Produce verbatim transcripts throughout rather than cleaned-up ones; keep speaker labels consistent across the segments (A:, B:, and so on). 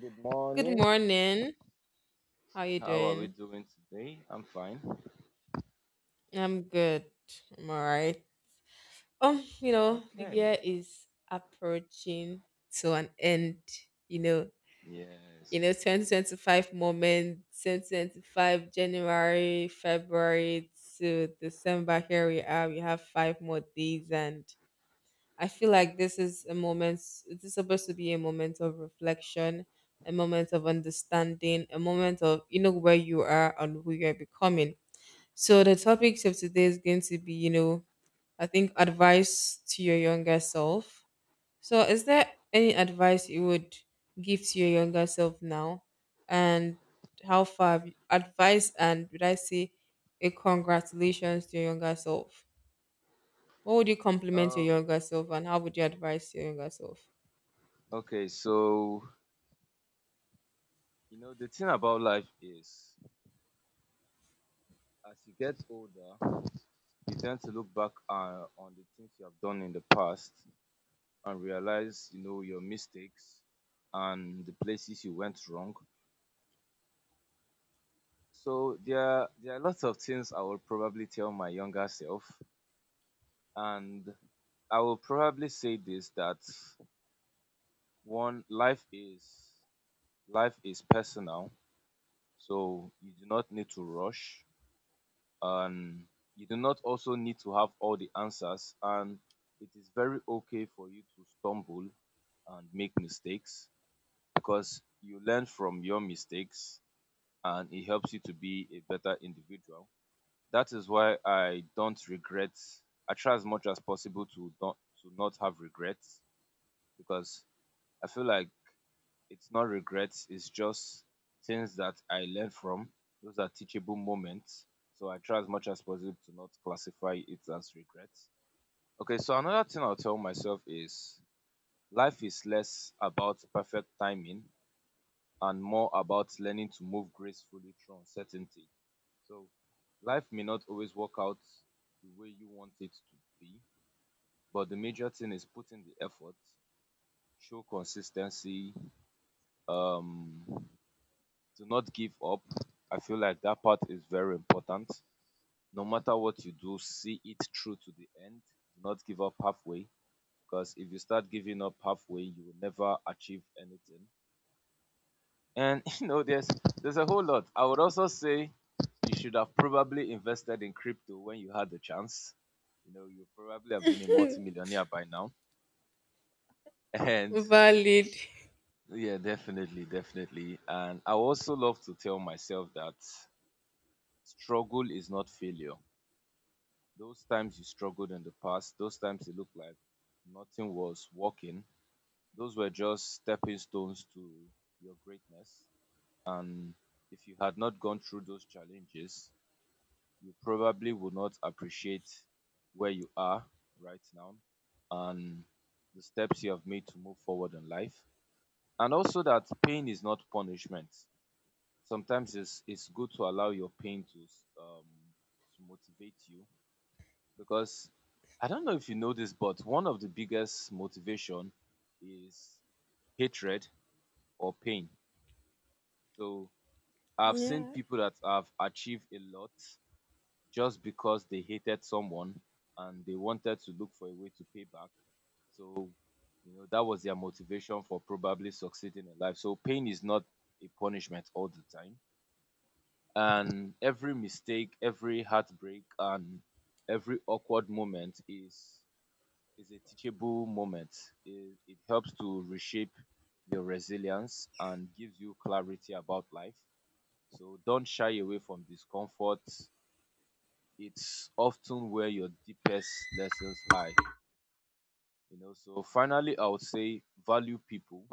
A: Good
B: Good
A: morning.
B: morning. How you
A: How are we
B: doing?
A: doing today? I'm fine.
B: I'm good. I'm all right. Um, you know, the
A: Okay.
B: year is approaching to an end. You know, you know,
A: Yes.
B: twenty twenty-five moment, two thousand twenty-five January, February to December. Here we are. We have five more days, and I feel like this is a moment. This is supposed to be a moment of reflection, a moment of understanding, a moment of you know where you are and who you are becoming. So the topics of today is going to be, you know, I think advice to your younger self. So is there any advice you would give to your younger self now? And how far have you, advice and would I say a congratulations to your younger self? What would you compliment your
A: Oh,
B: younger self and how would you advise your younger self?
A: okay. So, you know, the thing about life is as you get older, you tend to look back uh, on the things you have done in the past and realize, you know, your mistakes and the places you went wrong. So, there are, there are lots of things I will probably tell my younger self and I will probably say this that one life is Life is personal, so you do not need to rush and you do not also need to have all the answers and it is very okay for you to stumble and make mistakes because you learn from your mistakes and it helps you to be a better individual. That is why I don't regret. I try as much as possible to not to not have regrets because I feel like it's not regrets, it's just things that I learned from. Those are teachable moments, so I try as much as possible to not classify it as regrets. Okay, so another thing I'll tell myself is life is less about perfect timing and more about learning to move gracefully through uncertainty. So life may not always work out the way you want it to be, but the major thing is putting the effort, show consistency, um do not give up. I feel like that part is very important. No matter what you do, see it through to the end. Do not give up halfway, because if you start giving up halfway, you will never achieve anything. And you know, there's there's a whole lot. I would also say you should have probably invested in crypto when you had the chance. You know, you probably have been a multimillionaire by now. And
B: Valid.
A: yeah, definitely, definitely. And I also love to tell myself that struggle is not failure. Those times you struggled in the past, those times it looked like nothing was working, those were just stepping stones to your greatness. And if you had not gone through those challenges, you probably would not appreciate where you are right now and the steps you have made to move forward in life. And also that pain is not punishment. Sometimes it's it's good to allow your pain to um to motivate you, because I don't know if you know this, but one of the biggest motivation is hatred or pain. So I've seen
B: Yeah.
A: people that have achieved a lot just because they hated someone and they wanted to look for a way to pay back. So, you know, that was their motivation for probably succeeding in life. So pain is not a punishment all the time. And every mistake, every heartbreak, and every awkward moment is is a teachable moment. It, it helps to reshape your resilience and gives you clarity about life. So don't shy away from discomfort. It's often where your deepest lessons hide. You know, so finally I would say value people.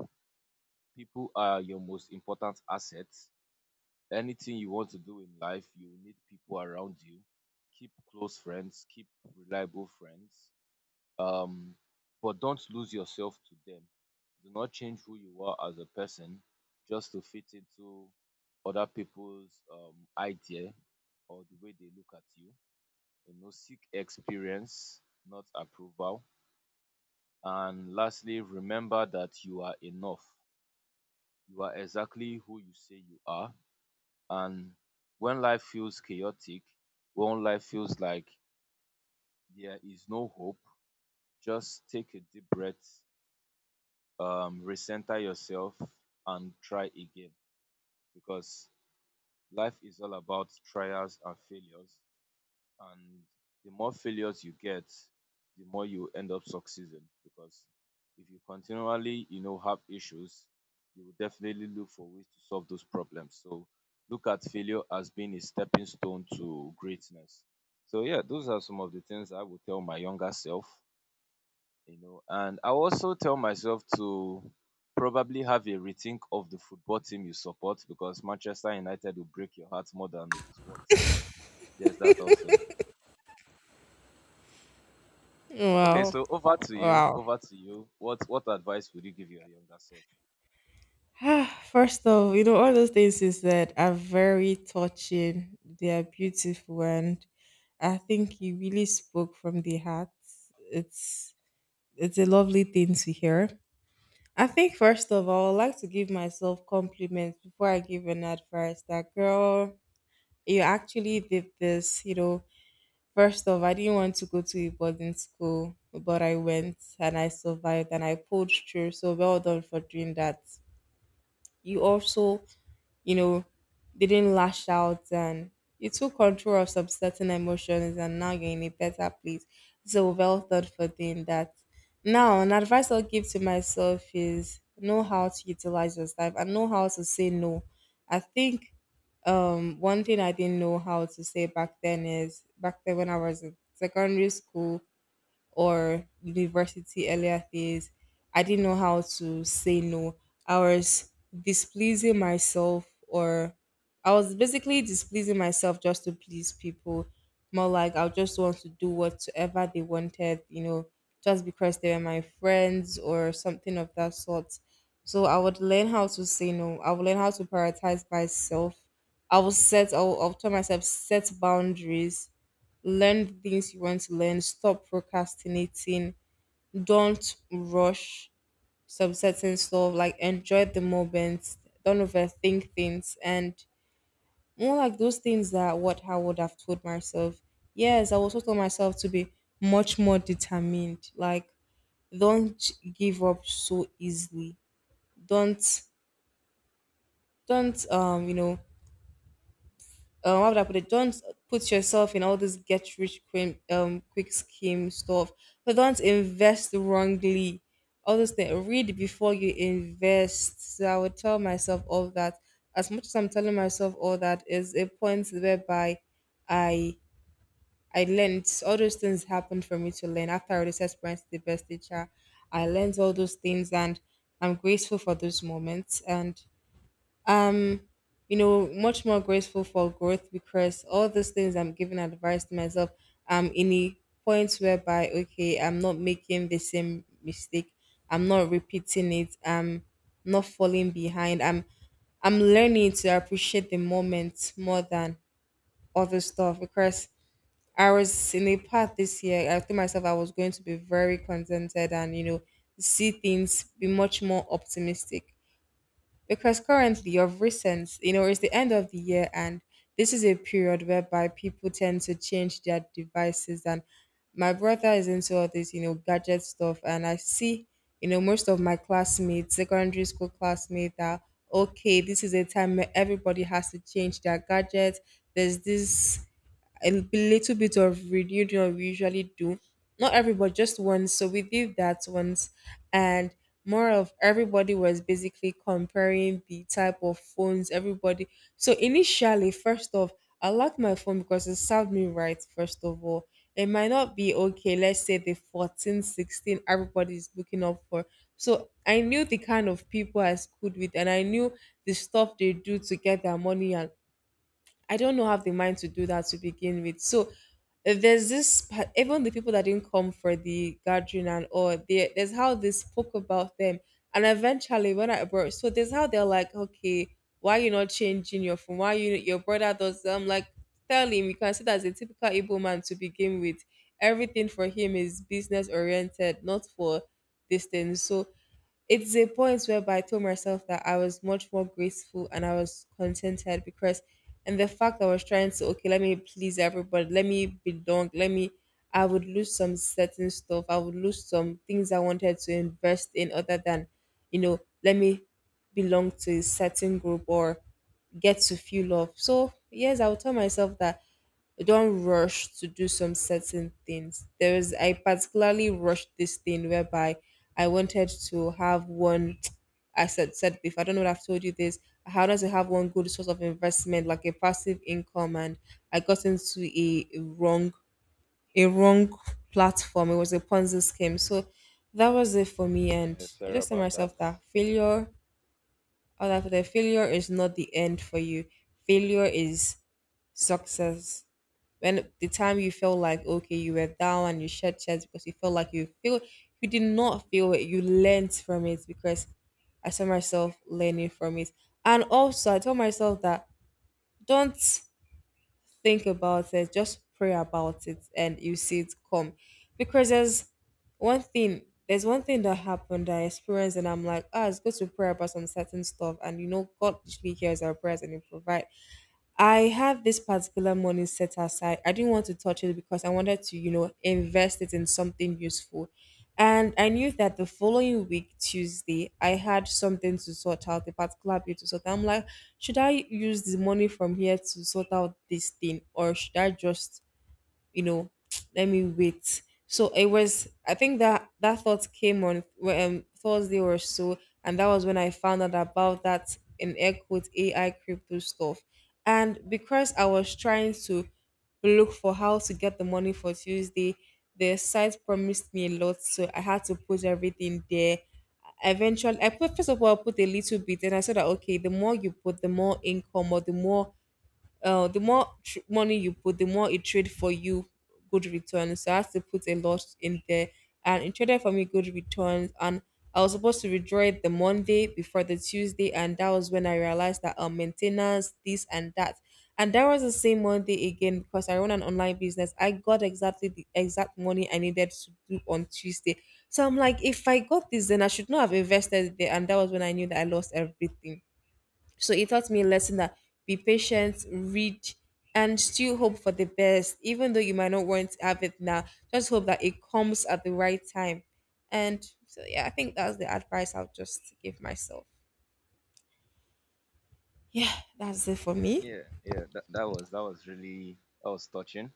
A: People are your most important asset. Anything you want to do in life, you need people around you. Keep close friends, keep reliable friends, um, but don't lose yourself to them. Do not change who you are as a person just to fit into other people's um, idea or the way they look at you. You know, seek experience, not approval. And lastly, remember that you are enough. You are exactly who you say you are. And when life feels chaotic, when life feels like there is no hope, just take a deep breath, um, recenter yourself and try again, because life is all about trials and failures, and the more failures you get, the more you end up succeeding. Because if you continually, you know, have issues, you will definitely look for ways to solve those problems. So look at failure as being a stepping stone to greatness. So yeah, those are some of the things I would tell my younger self, you know. And I also tell myself to probably have a rethink of the football team you support, because Manchester United will break your heart more than it's worth. So there's that also. Okay,
B: Wow.
A: so over to you.
B: Wow.
A: Over to you. What what advice would you give your younger self?
B: Ah, first off, you know, all those things you said are very touching. They are beautiful and I think you really spoke from the heart. It's it's a lovely thing to hear. I think first of all, I would like to give myself compliments before I give an advice that girl, you actually did this, you know. First off, I didn't want to go to a boarding school, but I went and I survived and I pulled through. So well done for doing that. You also you know, they didn't lash out and you took control of some certain emotions and now you're in a better place. So well thought for doing that. Now, an advice I'll give to myself is know how to utilize your time and know how to say no. I think um one thing I didn't know how to say back then is back then when I was in secondary school, or university earlier days, I didn't know how to say no. I was displeasing myself, or I was basically displeasing myself just to please people. More like I just want to do whatsoever they wanted, you know, just because they were my friends or something of that sort. So I would learn how to say no. I would learn how to prioritize myself. I will set. I will, I will tell myself set boundaries, learn the things you want to learn, stop procrastinating, don't rush some certain stuff like enjoy the moments. Don't overthink things and more like those things that what I would have told myself. Yes, I also told myself to be much more determined, like don't give up so easily. Don't don't um you know um, how would I put it? Don't put yourself in all this get rich quick, um, quick scheme stuff. But don't invest wrongly. All those things. Read before you invest. So I would tell myself all that. As much as I'm telling myself all that, is a point whereby I I learned all those things happened for me to learn after I already said parents the best teacher. I learned all those things and I'm grateful for those moments and you know, much more grateful for growth because all those things I'm giving advice to myself, I'm in a point whereby, okay, I'm not making the same mistake. I'm not repeating it. I'm not falling behind. I'm I'm learning to appreciate the moment more than other stuff because I was in a path this year. I told myself I was going to be very contented and you know see things, be much more optimistic because currently of recent, you know it's the end of the year and this is a period whereby people tend to change their devices and my brother is into all this, you know gadget stuff, and I see, you know most of my classmates, secondary school classmates are, okay, this is a time where everybody has to change their gadgets. There's this a little bit of reunion we usually do. Not everybody, just once. So we did that once, and more of everybody was basically comparing the type of phones everybody. So initially, first off, I like my phone because it served me right. First of all, it might not be okay. Let's say the fourteen, sixteen. 16 everybody's looking up for. So I knew the kind of people I schooled with, and I knew the stuff they do to get their money and I don't know have the mind to do that to begin with. So uh, there's this pa- even the people that didn't come for the gathering and all they, there's how they spoke about them and eventually when I brought so there's how they're like, okay, why you not changing your phone, why you your brother does, I'm like, tell him you can see that as a typical Igbo man to begin with, everything for him is business oriented, not for this thing. So it's a point whereby I told myself that I was much more graceful and I was contented because, and the fact I was trying to, okay, let me please everybody, let me belong, let me, I would lose some certain stuff. I would lose some things I wanted to invest in other than, you know, let me belong to a certain group or get to feel love. So, yes, I would tell myself that don't rush to do some certain things. There was I particularly rushed this thing whereby I wanted to have one. I said said before. I don't know if I've told you this. I wanted to have one good source of investment, like a passive income, and I got into a a wrong, a wrong platform. It was a Ponzi scheme. So that was it for me, and
A: Yeah,
B: I
A: sorry
B: just tell
A: about that.
B: myself that failure, all that the failure is not the end for you. Failure is success. When the time you felt like, okay, you were down and you shed tears because you felt like you feel you did not feel it, you learned from it because I saw myself learning from it. And also I told myself that don't think about it, just pray about it and you see it come. Because there's one thing there's one thing that happened that I experienced and I'm like, ah, it's good to pray about some certain stuff, and you know God usually hears our prayers and he provides. I have this particular money set aside. I didn't want to touch it because I wanted to, you know, invest it in something useful. And I knew that the following week, Tuesday, I had something to sort out, a particular bill to sort out. I'm like, should I use the money from here to sort out this thing or should I just, you know, let me wait. So it was, I think that that thought came on well, um, Thursday or so, and that was when I found out about that in air quotes A I crypto stuff. And because I was trying to look for how to get the money for Tuesday, the site promised me a lot, so I had to put everything there. Eventually, I put, first of all, I put a little bit, and I said that, okay, the more you put, the more income or the more, uh, the more tr- money you put, the more it trade for you good returns. So I had to put a lot in there, and it traded for me good returns. And I was supposed to withdraw it the Monday before the Tuesday, and that was when I realized that, uh, maintenance, this and that, and that was the same Monday again because I run an online business. I got exactly the exact money I needed to do on Tuesday. So I'm like, if I got this, then I should not have invested it there, and that was when I knew that I lost everything. So it taught me a lesson that be patient, read, and still hope for the best, even though you might not want to have it now. Just hope that it comes at the right time. And so, yeah, I think that's the advice I'll just give myself. Yeah, that's it for me.
A: Yeah, yeah, that, that was that was really that was touching.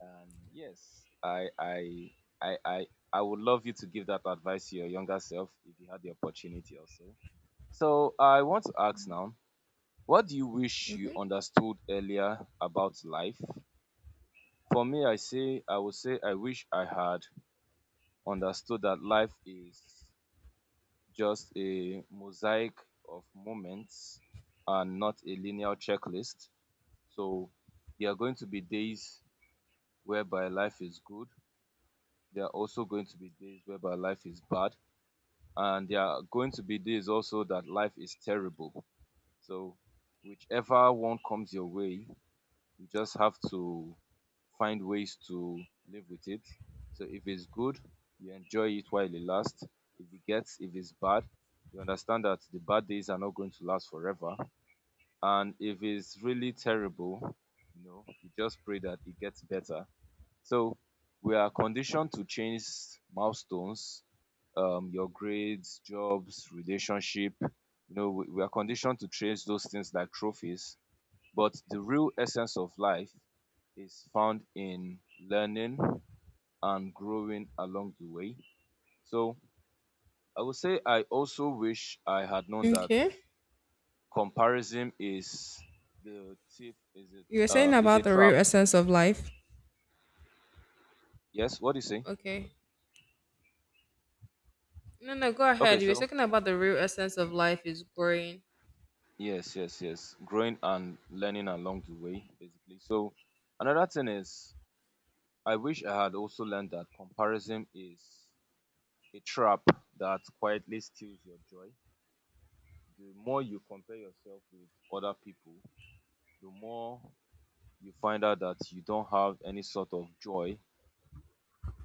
A: And yes, I I I I I would love you to give that advice to your younger self if you had the opportunity also. So I want to ask now, what do you wish you understood earlier about life? For me, i say I would say I wish I had understood that life is just a mosaic of moments and not a linear checklist. So there are going to be days whereby life is good, there are also going to be days whereby life is bad, and there are going to be days also that life is terrible. So whichever one comes your way, you just have to find ways to live with it. So if it's good, you enjoy it while it lasts. If it gets if it's bad, you understand that the bad days are not going to last forever. And if it's really terrible, you know, you just pray that it gets better. So we are conditioned to change milestones, um, your grades, jobs, relationship. You know, we, we are conditioned to change those things like trophies, but the real essence of life is found in learning and growing along the way. So I would say I also wish I had known that
B: Okay.
A: comparison is the thief is it
B: You were
A: uh,
B: saying
A: is a
B: about the real
A: trap.
B: essence of life.
A: Yes, what do you say?
B: Okay. No, no, go
A: Okay,
B: ahead. You were
A: so
B: talking about the real essence of life is growing.
A: yes, yes, yes. Growing and learning along the way, basically. So another thing is I wish I had also learned that comparison is a trap that quietly steals your joy. The more you compare yourself with other people, the more you find out that you don't have any sort of joy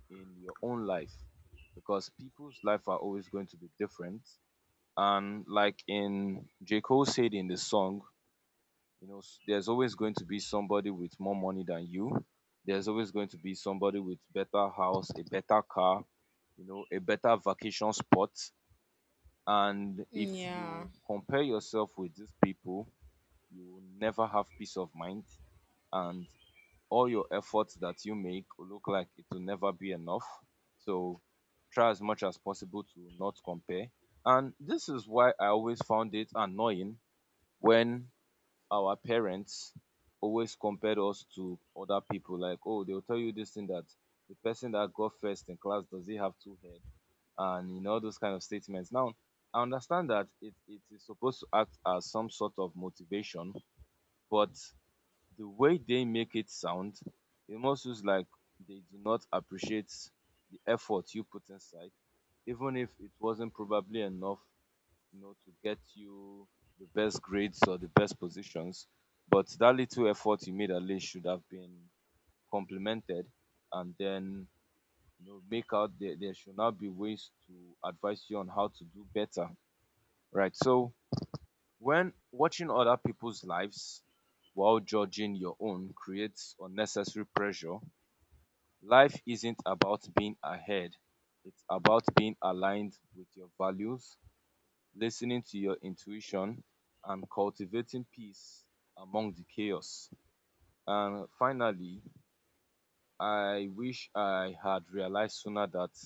A: in your own life, because people's life are always going to be different. And like in J. Cole said in the song, you know, there's always going to be somebody with more money than you. There's always going to be somebody with better house, a better car, you know, a better vacation spot. And if
B: Yeah.
A: you compare yourself with these people, you will never have peace of mind, and all your efforts that you make will look like it will never be enough. So try as much as possible to not compare. And this is why I always found it annoying when our parents always compared us to other people. Like, oh, they'll tell you this thing that the person that got first in class, does he have two heads? And you know those kind of statements. Now, I understand that it, it is supposed to act as some sort of motivation, but the way they make it sound, it must looks like they do not appreciate the effort you put inside. Even if it wasn't probably enough, you know, to get you the best grades or the best positions, but that little effort you made at least should have been complimented, and then, you know, make out there, there should now be ways to advise you on how to do better, right? So when watching other people's lives while judging your own creates unnecessary pressure, life isn't about being ahead, it's about being aligned with your values, listening to your intuition, and cultivating peace among the chaos. And finally, I wish I had realized sooner that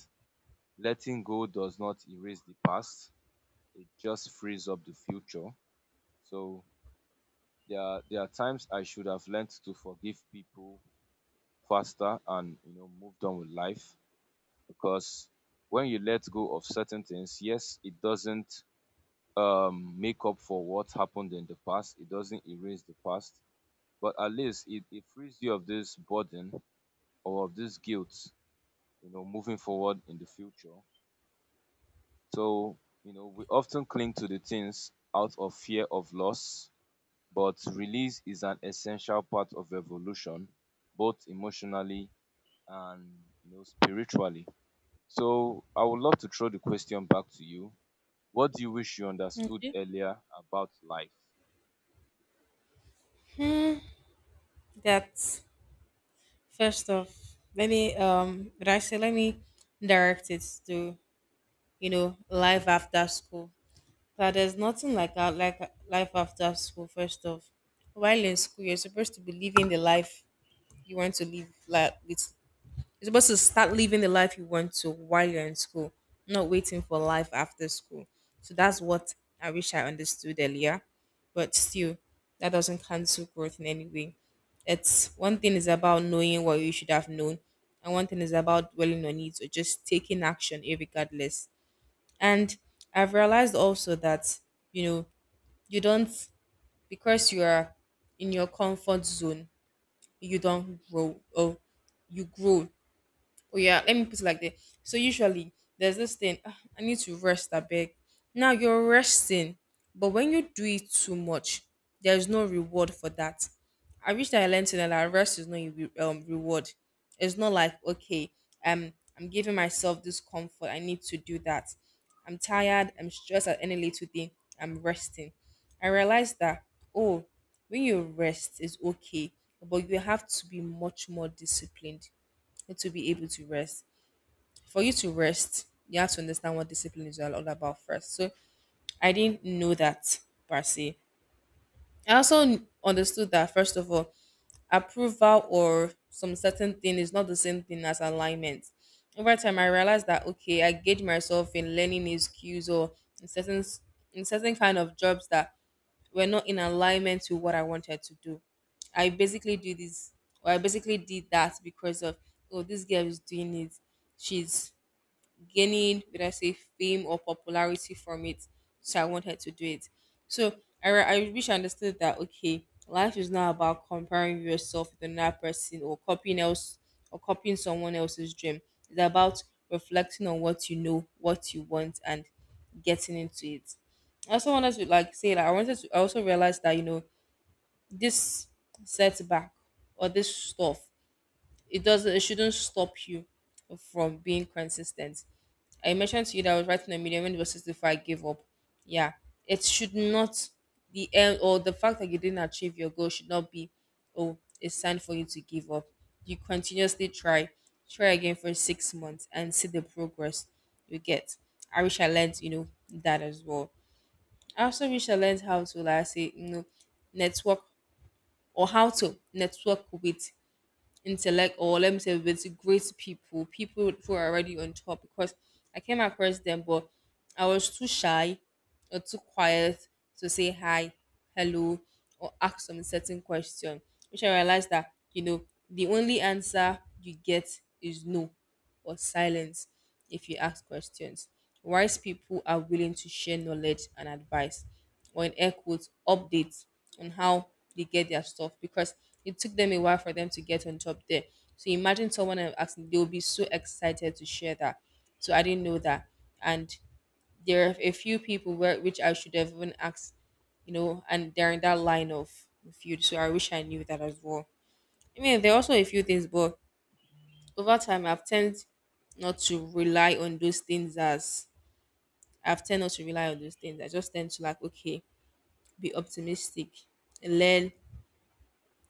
A: letting go does not erase the past, it just frees up the future. So There are there are times I should have learned to forgive people faster and, you know, moved on with life. Because when you let go of certain things, yes, it doesn't um make up for what happened in the past. It doesn't erase the past, but at least it, it frees you of this burden or of this guilt, you know, moving forward in the future. So, you know, we often cling to the things out of fear of loss. But release is an essential part of evolution, both emotionally and, you know, spiritually. So I would love to throw the question back to you. What do you wish you understood
B: Okay.
A: earlier about life?
B: That first off, let me um did I say let me direct it to, you know life after school. That there's nothing like that, like life after school. First off, while in school, you're supposed to be living the life you want to live, like with, you're supposed to start living the life you want to while you're in school, not waiting for life after school. So that's what I wish I understood earlier. But still, that doesn't cancel growth in any way. It's one thing is about knowing what you should have known, and one thing is about dwelling on it or just taking action irregardless. And I've realized also that, you know, you don't because you are in your comfort zone, you don't grow or you grow. Oh yeah, let me put it like that. So usually there's this thing, "Ah, I need to rest a bit." Now you're resting, but when you do it too much, there's no reward for that. I wish that I learned to know that rest is not a re- um, reward. It's not like okay, um I'm giving myself this comfort, I need to do that. I'm tired, I'm stressed at any little thing, I'm resting. I realized that, oh, when you rest is okay, but you have to be much more disciplined. It will be able to rest. For you to rest, you have to understand what discipline is all all about first. So I didn't know that per se. I also n- understood that, first of all, approval or some certain thing is not the same thing as alignment. Over time, I realized that, okay, I gauge myself in learning new skills or in certain s- in certain kind of jobs that were not in alignment to what I wanted to do. I basically do this, or I basically did that because of, oh, this girl is doing it. She's gaining, would I say, fame or popularity from it. So I wanted to do it. So I, re- I wish I understood that, okay, life is not about comparing yourself with another person or copying else or copying someone else's dream. It's about reflecting on what you know, what you want, and getting into it. I also wanted to like say like I wanted to I also realized that, you know this setback or this stuff, it doesn't it shouldn't stop you from being consistent. I mentioned to you that I was writing a medium when it was sixty-five, I gave up. Yeah. It should not, the end or the fact that you didn't achieve your goal should not be, oh, a sign for you to give up. You continuously try, try again for six months and see the progress you get. I wish I learned, you know, that as well. I also wish I learned how to like I say, you know, network or how to network with intellect, or let me say with great people, people who are already on top, because I came across them, but I was too shy or too quiet to say hi, hello, or ask some certain question, which I realized that, you know, the only answer you get is no or silence if you ask questions. Wise people are willing to share knowledge and advice, or in air quotes, updates on how they get their stuff because it took them a while for them to get on top there. So imagine someone I'm asking, they will be so excited to share that. So I didn't know that. And there are a few people where, which I should have even asked, you know, and they're in that line of field. So I wish I knew that as well. I mean, there are also a few things, but over time I've tend not to rely on those things as I've tend not to rely on those things. I just tend to like, okay, be optimistic, learn,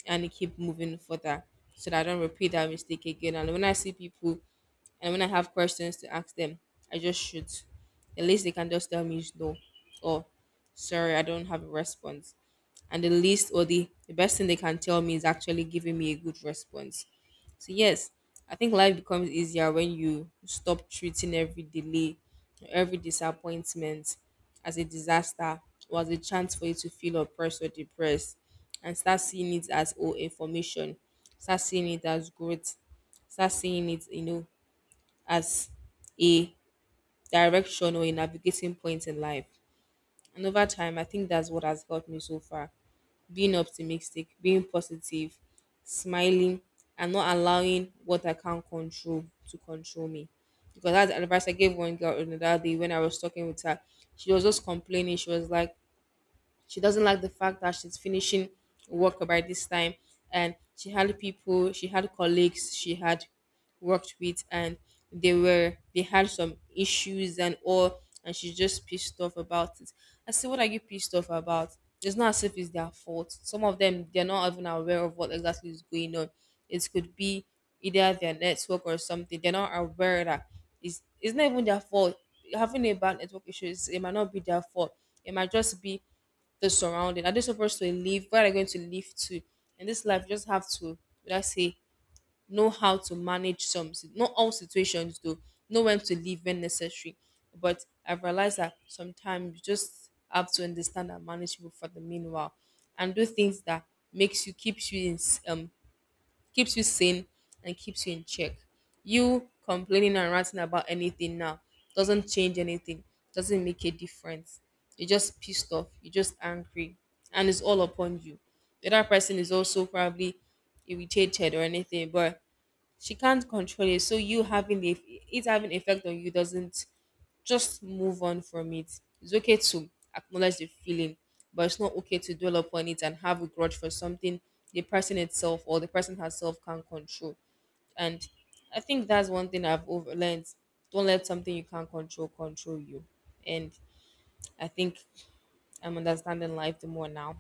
B: and keep moving further so that I don't repeat that mistake again. And when I see people And when I have questions to ask them, I just shoot. The least they can just tell me is no, or sorry, I don't have a response. And the least or the, the best thing they can tell me is actually giving me a good response. So, yes, I think life becomes easier when you stop treating every delay, every disappointment as a disaster or as a chance for you to feel oppressed or depressed, and start seeing it as all information, start seeing it as growth, start seeing it, you know, as a direction or a navigating point in life. And over time, I think that's what has helped me so far, being optimistic, being positive, smiling, and not allowing what I can't control to control me. Because that's the advice I gave one girl on the other day when I was talking with her. She was just complaining. She was like, she doesn't like the fact that she's finishing work by this time, and she had people, she had colleagues, she had worked with, and they were they had some issues and all, and she's just pissed off about it. I said, "What are you pissed off about?" It's not as if it's their fault. Some of them they're not even aware of what exactly is going on. It could be either their network or something. They're not aware that it's it's not even their fault. Having a bad network issue, is, it might not be their fault. It might just be the surrounding? Are they supposed to live? Where are they going to live to? In this life, you just have to, would I say, know how to manage some, si- not all situations though, know when to live when necessary. But I've realized that sometimes you just have to understand and manage people for the meanwhile and do things that makes you, keeps you in, s- um, keeps you sane and keeps you in check. You complaining and ranting about anything now doesn't change anything, doesn't make a difference. You're just pissed off, you're just angry, and it's all upon you. The other person is also probably irritated or anything, but she can't control it. So you having the it's having effect on you doesn't, just move on from it. It's okay to acknowledge the feeling, but it's not okay to dwell upon it and have a grudge for something the person itself or the person herself can't control. And I think that's one thing I've over learned. Don't let something you can't control control you. And I think I'm understanding life the more now.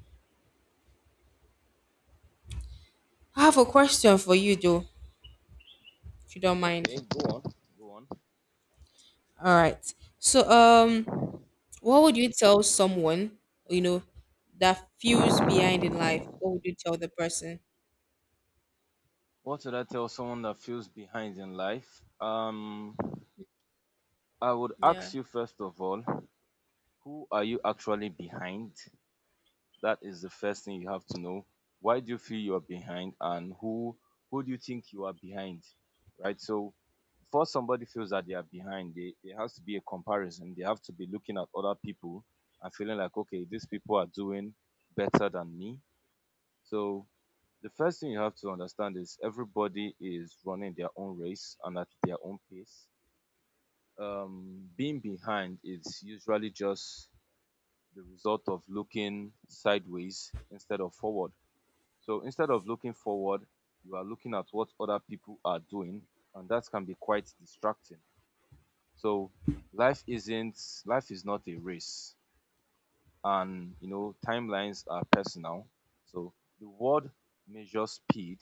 B: I have a question for you though, if you don't mind.
A: Okay, go on, go on.
B: All right. So um what would you tell someone, you know, that feels behind in life? What would you tell the person?
A: What should I tell someone that feels behind in life? Um, I would
B: Yeah.
A: ask you first of all, who are you actually behind? That is the first thing you have to know. Why do you feel you are behind, and who who do you think you are behind? Right? So before somebody feels that they are behind, they, there has to be a comparison. They have to be looking at other people and feeling like, okay, these people are doing better than me. So the first thing you have to understand is everybody is running their own race and at their own pace. Um, being behind is usually just the result of looking sideways instead of forward. So instead of looking forward, you are looking at what other people are doing, and that can be quite distracting. So life isn't life is not a race, and you know timelines are personal. So the world measures speed,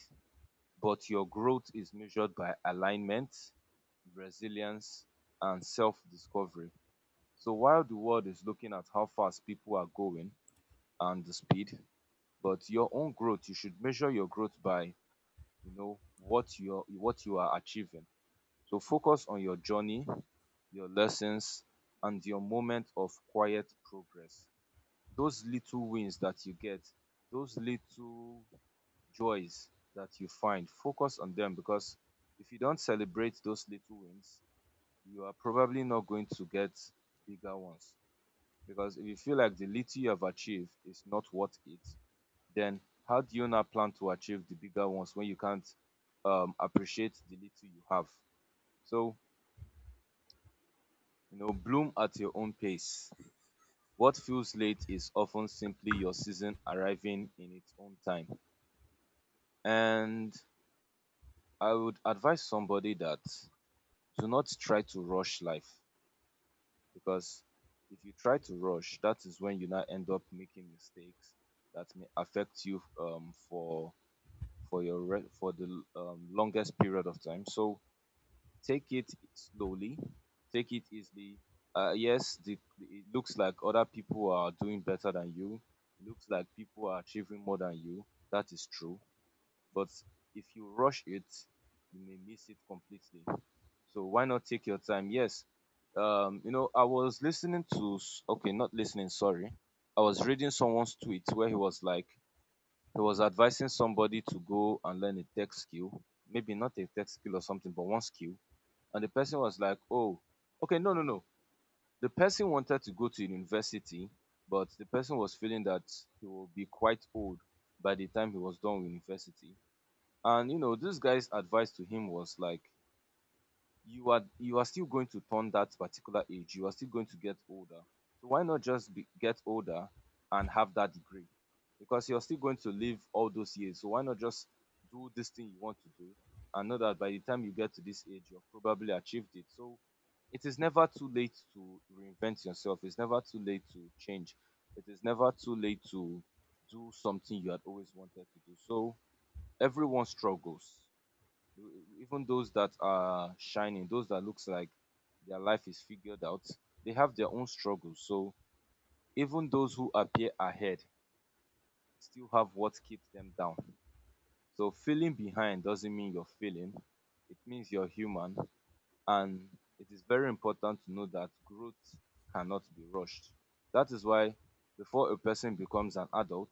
A: but your growth is measured by alignment, resilience, and self-discovery. So while the world is looking at how fast people are going and the speed, but your own growth, you should measure your growth by you know what you're what you are achieving. So focus on your journey, your lessons, and your moment of quiet progress, those little wins that you get, those little joys that you find. Focus on them, because if you don't celebrate those little wins, you are probably not going to get bigger ones. Because if you feel like the little you have achieved is not worth it, then how do you not plan to achieve the bigger ones when you can't um, appreciate the little you have? So, you know, bloom at your own pace. What feels late is often simply your season arriving in its own time. And I would advise somebody that do not try to rush life, because if you try to rush, that is when you now end up making mistakes that may affect you um, for for your re- for the um, longest period of time. So take it slowly, take it easily. Uh, yes, the, it looks like other people are doing better than you. It looks like people are achieving more than you. That is true. But if you rush it, you may miss it completely. So why not take your time? Yes. Um, you know, I was listening to, s- okay, not listening, sorry. I was reading someone's tweet where he was like, he was advising somebody to go and learn a tech skill, maybe not a tech skill or something, but one skill, and the person was like, oh, okay, no, no, no. The person wanted to go to university, but the person was feeling that he will be quite old by the time he was done with university. And you know, this guy's advice to him was like, you are you are still going to turn that particular age. You are still going to get older. So why not just be, get older and have that degree? Because you're still going to live all those years. So why not just do this thing you want to do and know that by the time you get to this age, you've probably achieved it. So it is never too late to reinvent yourself. It's never too late to change. It is never too late to do something you had always wanted to do. So everyone struggles, E- even those that are shining, those that looks like their life is figured out. They have their own struggles. So even those who appear ahead still have what keeps them down. So feeling behind doesn't mean you're failing. It means you're human, and it is very important to know that growth cannot be rushed. That is why before a person becomes an adult,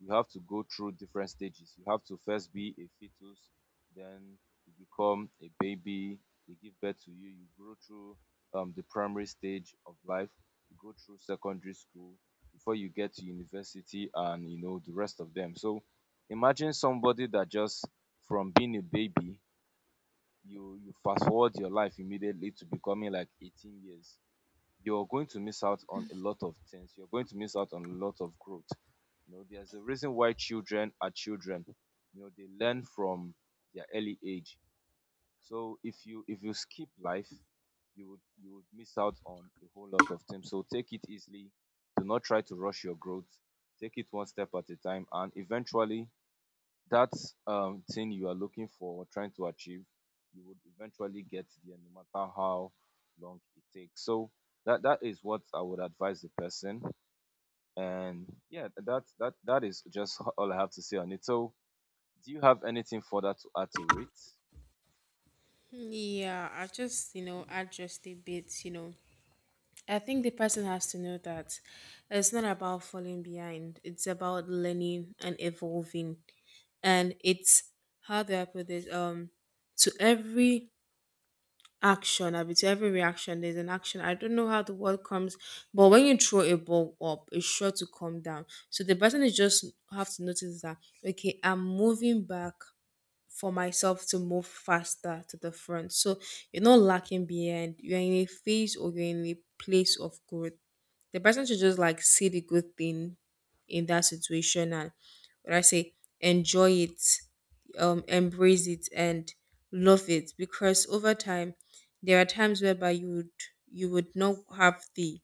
A: you have to go through different stages. You have to first be a fetus, then you become a baby, they give birth to you, you grow through um, the primary stage of life, you go through secondary school before you get to university and you know the rest of them. So imagine somebody that just from being a baby you you fast forward your life immediately to becoming like eighteen years, you're going to miss out on a lot of things. You're going to miss out on a lot of growth. You know, there's a reason why children are children. You know, they learn from their early age. So if you if you skip life, you would you would miss out on a whole lot of things. So take it easily. Do not try to rush your growth. Take it one step at a time, and eventually that um thing you are looking for or trying to achieve, you would eventually get there, no matter how long it takes. So that that is what I would advise the person. And yeah, that that that is just all I have to say on it. So do you have anything further to add to it?
B: Yeah, I just, you know, add just a bit, you know. I think the person has to know that it's not about falling behind. It's about learning and evolving. And it's, how do I put this? Um to every action, I mean to every reaction, there's an action. I don't know how the word comes, but when you throw a ball up, it's sure to come down. So the person is just have to notice that, okay, I'm moving back for myself to move faster to the front. So you're not lacking behind. You're in a phase or you're in a place of growth. The person should just like see the good thing in that situation and, what I say, enjoy it, um, embrace it and love it, because over time there are times whereby you would, you would not have the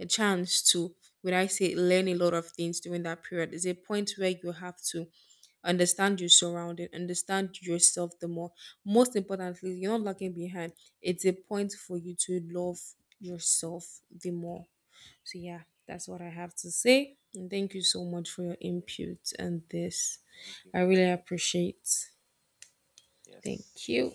B: a chance to, when I say, learn a lot of things during that period. There's a point where you have to understand your surrounding, understand yourself the more. Most importantly, you're not lagging behind. It's a point for you to love yourself the more. So yeah, that's what I have to say, and thank you so much for your
A: Okay,
B: input and this.
A: thank you
B: I
A: very
B: really
A: much.
B: appreciate. Thank
A: Yes.
B: you.